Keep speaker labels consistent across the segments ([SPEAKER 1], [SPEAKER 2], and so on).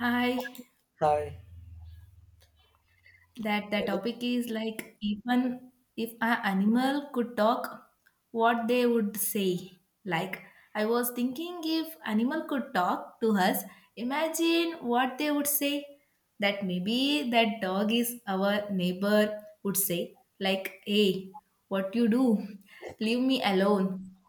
[SPEAKER 1] Hi,
[SPEAKER 2] Hi.
[SPEAKER 1] that the
[SPEAKER 2] Hello.
[SPEAKER 1] topic is like even if an animal could talk, what they would say. Like I was thinking if animal could talk to us, imagine what they would say. That maybe that dog is our neighbor would say like, "Hey, what you do? Leave me alone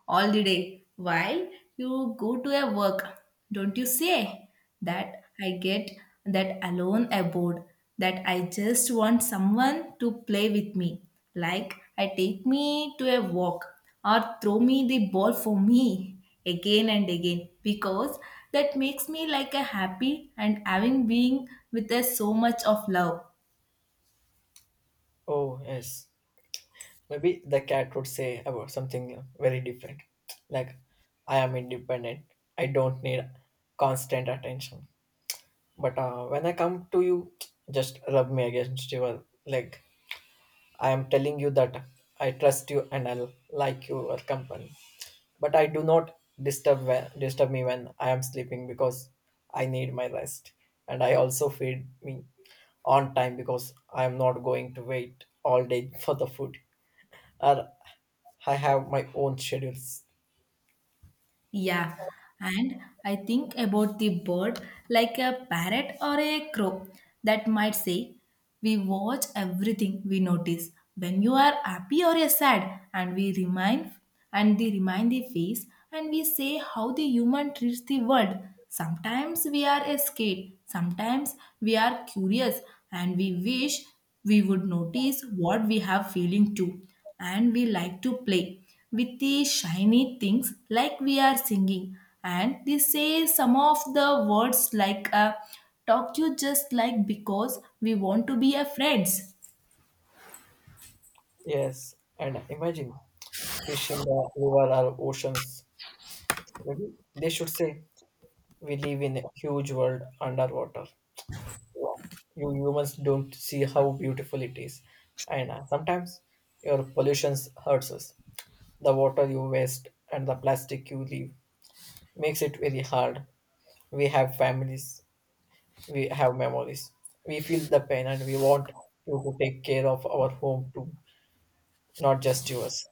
[SPEAKER 1] all the day while you go to a work. Don't you say?" That I get that alone aboard. That I just want someone to play with me. Like I take me to a walk or throw me the ball for me again and again because that makes me like a happy and having being with us so much of love.
[SPEAKER 2] Oh, yes. Maybe the cat would say about something very different. Like, I am independent. I don't need constant attention. But when I come to you, just rub me against your leg. I am telling you that I trust you and I like your company. But I do not disturb me when I am sleeping because I need my rest, and I also feed me on time because I am not going to wait all day for the food, or I have my own schedules.
[SPEAKER 1] Yeah, and I think about the bird like a parrot or a crow that might say, we watch everything, we notice when you are happy or you're sad, and we remind and they remind the face and we say how the human treats the world. Sometimes we are scared, sometimes we are curious, and we wish we would notice what we have feeling too, and we like to play with the shiny things like we are singing and they say some of the words like talk you just like because we want to be a friends.
[SPEAKER 2] Yes, and imagine fish in the river or oceans. Maybe they should say we live in a huge world underwater. Wow. You humans don't see how beautiful it is, and sometimes your pollutions hurts us. The water you waste and the plastic you leave makes it very hard. We have families, we have memories. We feel the pain and we want you to take care of our home too, not just yours.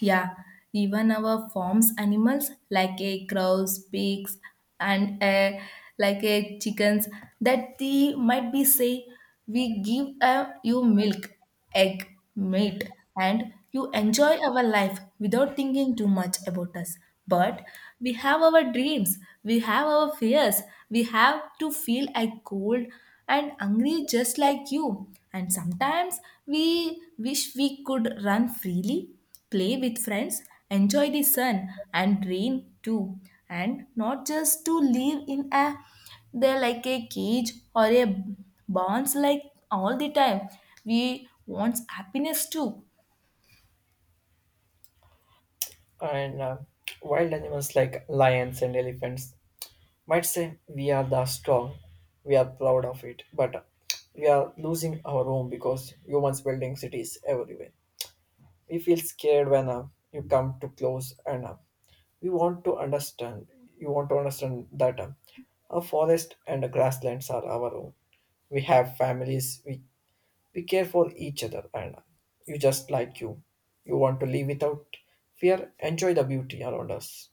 [SPEAKER 1] Yeah, even our farms animals like a crows, pigs, and a like a chickens that they might be say we give a, you milk, egg, meat, and you enjoy our life without thinking too much about us. But we have our dreams, we have our fears, we have to feel a cold and hungry just like you. And sometimes we wish we could run freely, play with friends, enjoy the sun and rain too, and not just to live in a they're like a cage or a bonds like all the time. We want happiness too.
[SPEAKER 2] And Wild animals like lions and elephants might say we are the strong, we are proud of it, but we are losing our home because humans building cities everywhere. We feel scared when you come too close, and we want to understand. You want to understand that a forest and a grasslands are our own. We have families. We care for each other, and you just like you. You want to live without fear. Enjoy the beauty around us.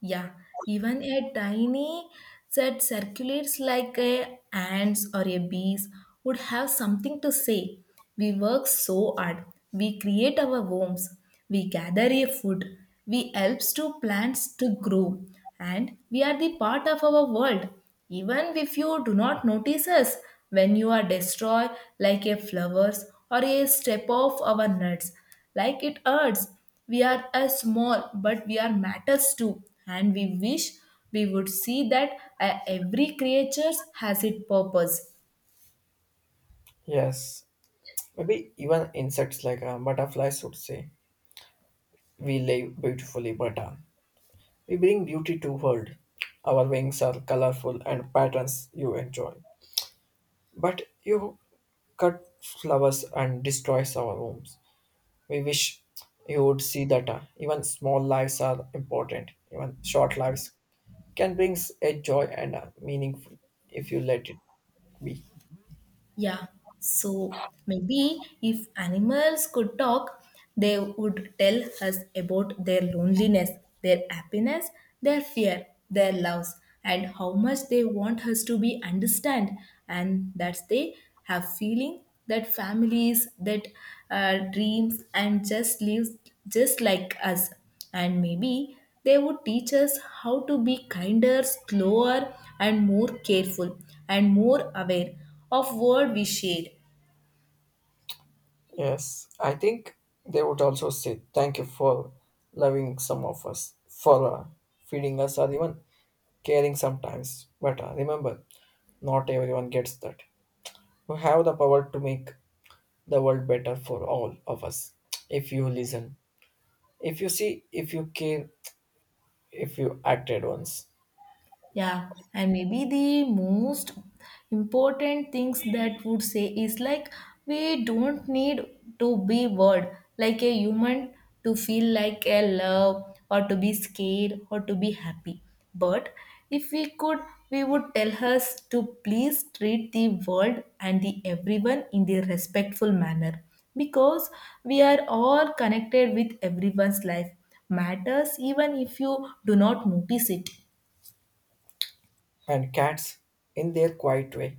[SPEAKER 1] Yeah, even a tiny that circulates like a ants or a bees would have something to say. We work so hard. We create our homes. We gather a food. We helps to plants to grow. And we are the part of our world. Even if you do not notice us when you are destroyed like a flowers or a step of our nuts, like it hurts we are a small, but we are matters too, and we wish we would see that every creature has its purpose.
[SPEAKER 2] Yes, maybe even insects like butterflies would say we live beautifully, but we bring beauty to world. Our wings are colorful and patterns you enjoy. But you cut flowers and destroys our homes. We wish you would see that even small lives are important. Even short lives can bring a joy and a meaningful if you let it be.
[SPEAKER 1] Yeah, so maybe if animals could talk, they would tell us about their loneliness, their happiness, their fear, their loves, and how much they want us to be understand, and that they have feeling that families, that dreams, and just lives just like us, and maybe they would teach us how to be kinder, slower and more careful and more aware of what we share.
[SPEAKER 2] Yes, I think they would also say thank you for loving some of us, for feeding us, or even caring sometimes. But remember, not everyone gets that. You have the power to make the world better for all of us if you listen, if you see, if you care, if you acted once.
[SPEAKER 1] Yeah, and maybe the most important things that would say is like we don't need to be word like a human to feel like a love or to be scared or to be happy. But if we could, we would tell us to please treat the world and the everyone in the respectful manner because we are all connected with everyone's life matters even if you do not notice it.
[SPEAKER 2] And cats in their quiet way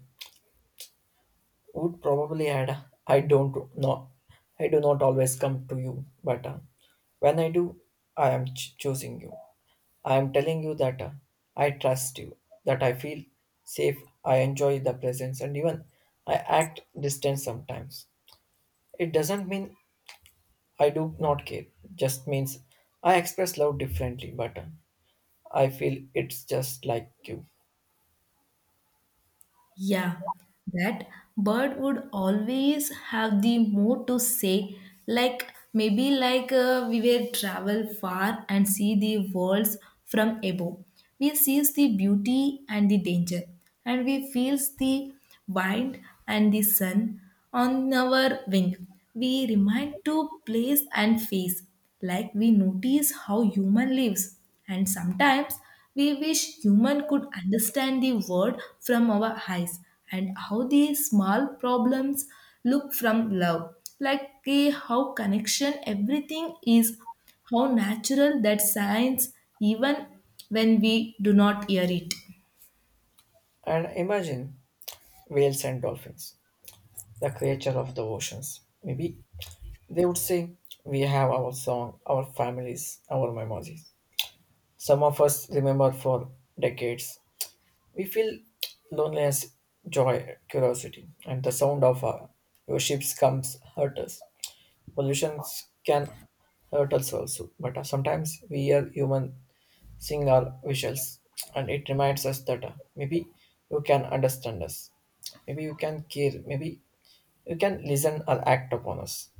[SPEAKER 2] would probably add, I don't know, I do not always come to you, but when I do, choosing you. I am telling you that I trust you, that I feel safe, I enjoy the presence, and even I act distant sometimes, it doesn't mean I do not care, just means I express love differently, but I feel it's just like you.
[SPEAKER 1] Yeah, that bird would always have the mood to say. Like maybe like we will travel far and see the worlds from above. We sees the beauty and the danger, and we feels the wind and the sun on our wing. We remind to place and face, like we notice how human lives. And sometimes we wish human could understand the world from our eyes and how the small problems look from love. Like how connection everything is, how natural that science even when we do not hear it.
[SPEAKER 2] And imagine whales and dolphins, the creature of the oceans. Maybe they would say, we have our song, our families, our memories. Some of us remember for decades. We feel loneliness, joy, curiosity, and the sound of your ships comes hurt us. Pollutions can hurt us also, but sometimes we are human sing our wishes and it reminds us that maybe you can understand us, maybe you can care, maybe you can listen or act upon us.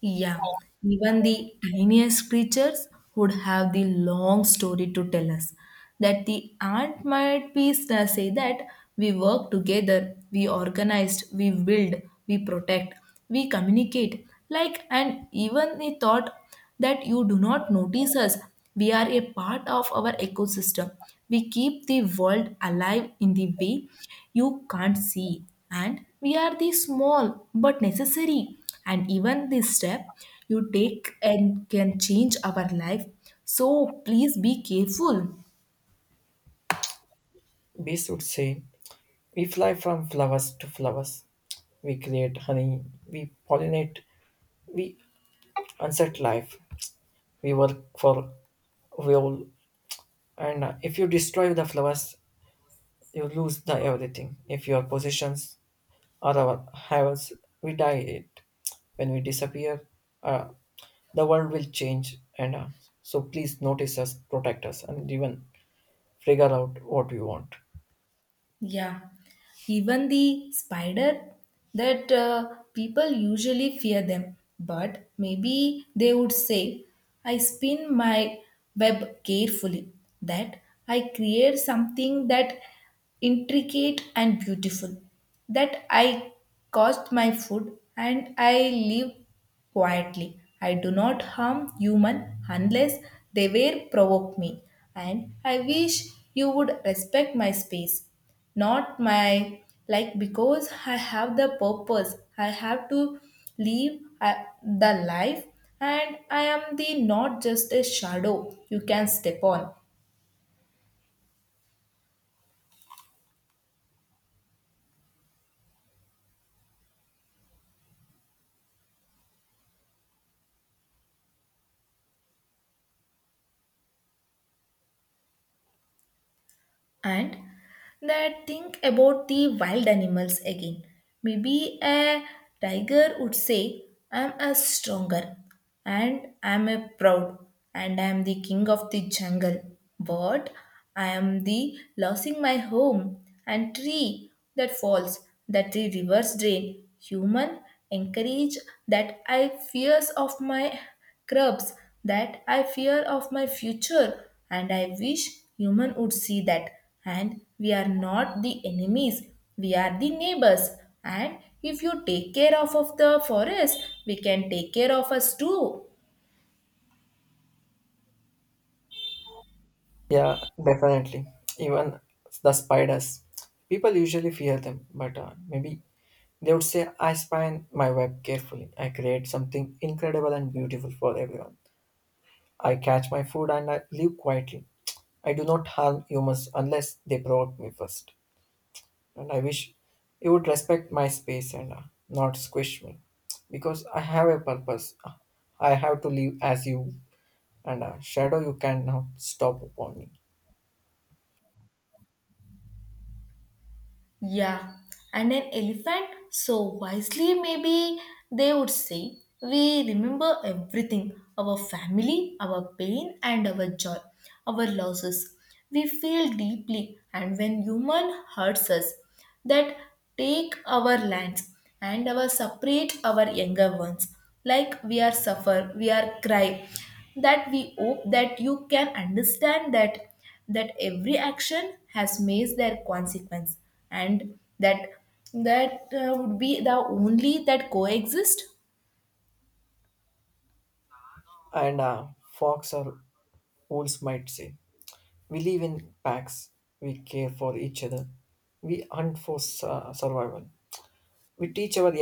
[SPEAKER 1] Yeah, even the tiniest creatures would have the long story to tell us. That the ant might say that we work together, we organized, we build, we protect, we communicate. Like and even the thought that you do not notice us. We are a part of our ecosystem. We keep the world alive in the way you can't see. And we are the small but necessary. And even this step you take and can change our life. So please be careful.
[SPEAKER 2] Bees would say we fly from flowers to flowers. We create honey, we pollinate, we unset life, we work for fuel, and if you destroy the flowers you lose the everything if your possessions or our havens, we die it. When we disappear, uh, the world will change. And So please notice us, protect us, and even figure out what we want.
[SPEAKER 1] Yeah, even the spider that people usually fear them, but maybe they would say, I spin my web carefully, that I create something that intricate and beautiful, that I cost my food and I live quietly. I do not harm human unless they were provoke me, and I wish you would respect my space, not my like, because I have the purpose, I have to live, the life, and I am the not just a shadow you can step on. And that think about the wild animals again, maybe a tiger would say, I'm a stronger and I'm a proud and I'm the king of the jungle, but I am the losing my home, and tree that falls, that the rivers drain. Human encourage that I fears of my crops, that I fear of my future, and I wish human would see that. And we are not the enemies, we are the neighbors. And if you take care of the forest, we can take care of us too.
[SPEAKER 2] Yeah, definitely. Even the spiders, people usually fear them, but maybe they would say, I spy my web carefully. I create something incredible and beautiful for everyone. I catch my food and I live quietly. I do not harm humans unless they provoke me first. And I wish you would respect my space and not squish me because I have a purpose. I have to live as you and a shadow you cannot stop upon me.
[SPEAKER 1] Yeah, and an elephant, so wisely, maybe they would say, we remember everything, our family, our pain, and our joy, our losses. We feel deeply, and when human hurts us, that take our lands and our separate our younger ones. Like we are suffer, we are cry. That we hope that you can understand that every action has made their consequence, and that would be the only that coexist.
[SPEAKER 2] And Fox or wolves might say, we live in packs, we care for each other, we hunt for survival. We teach our young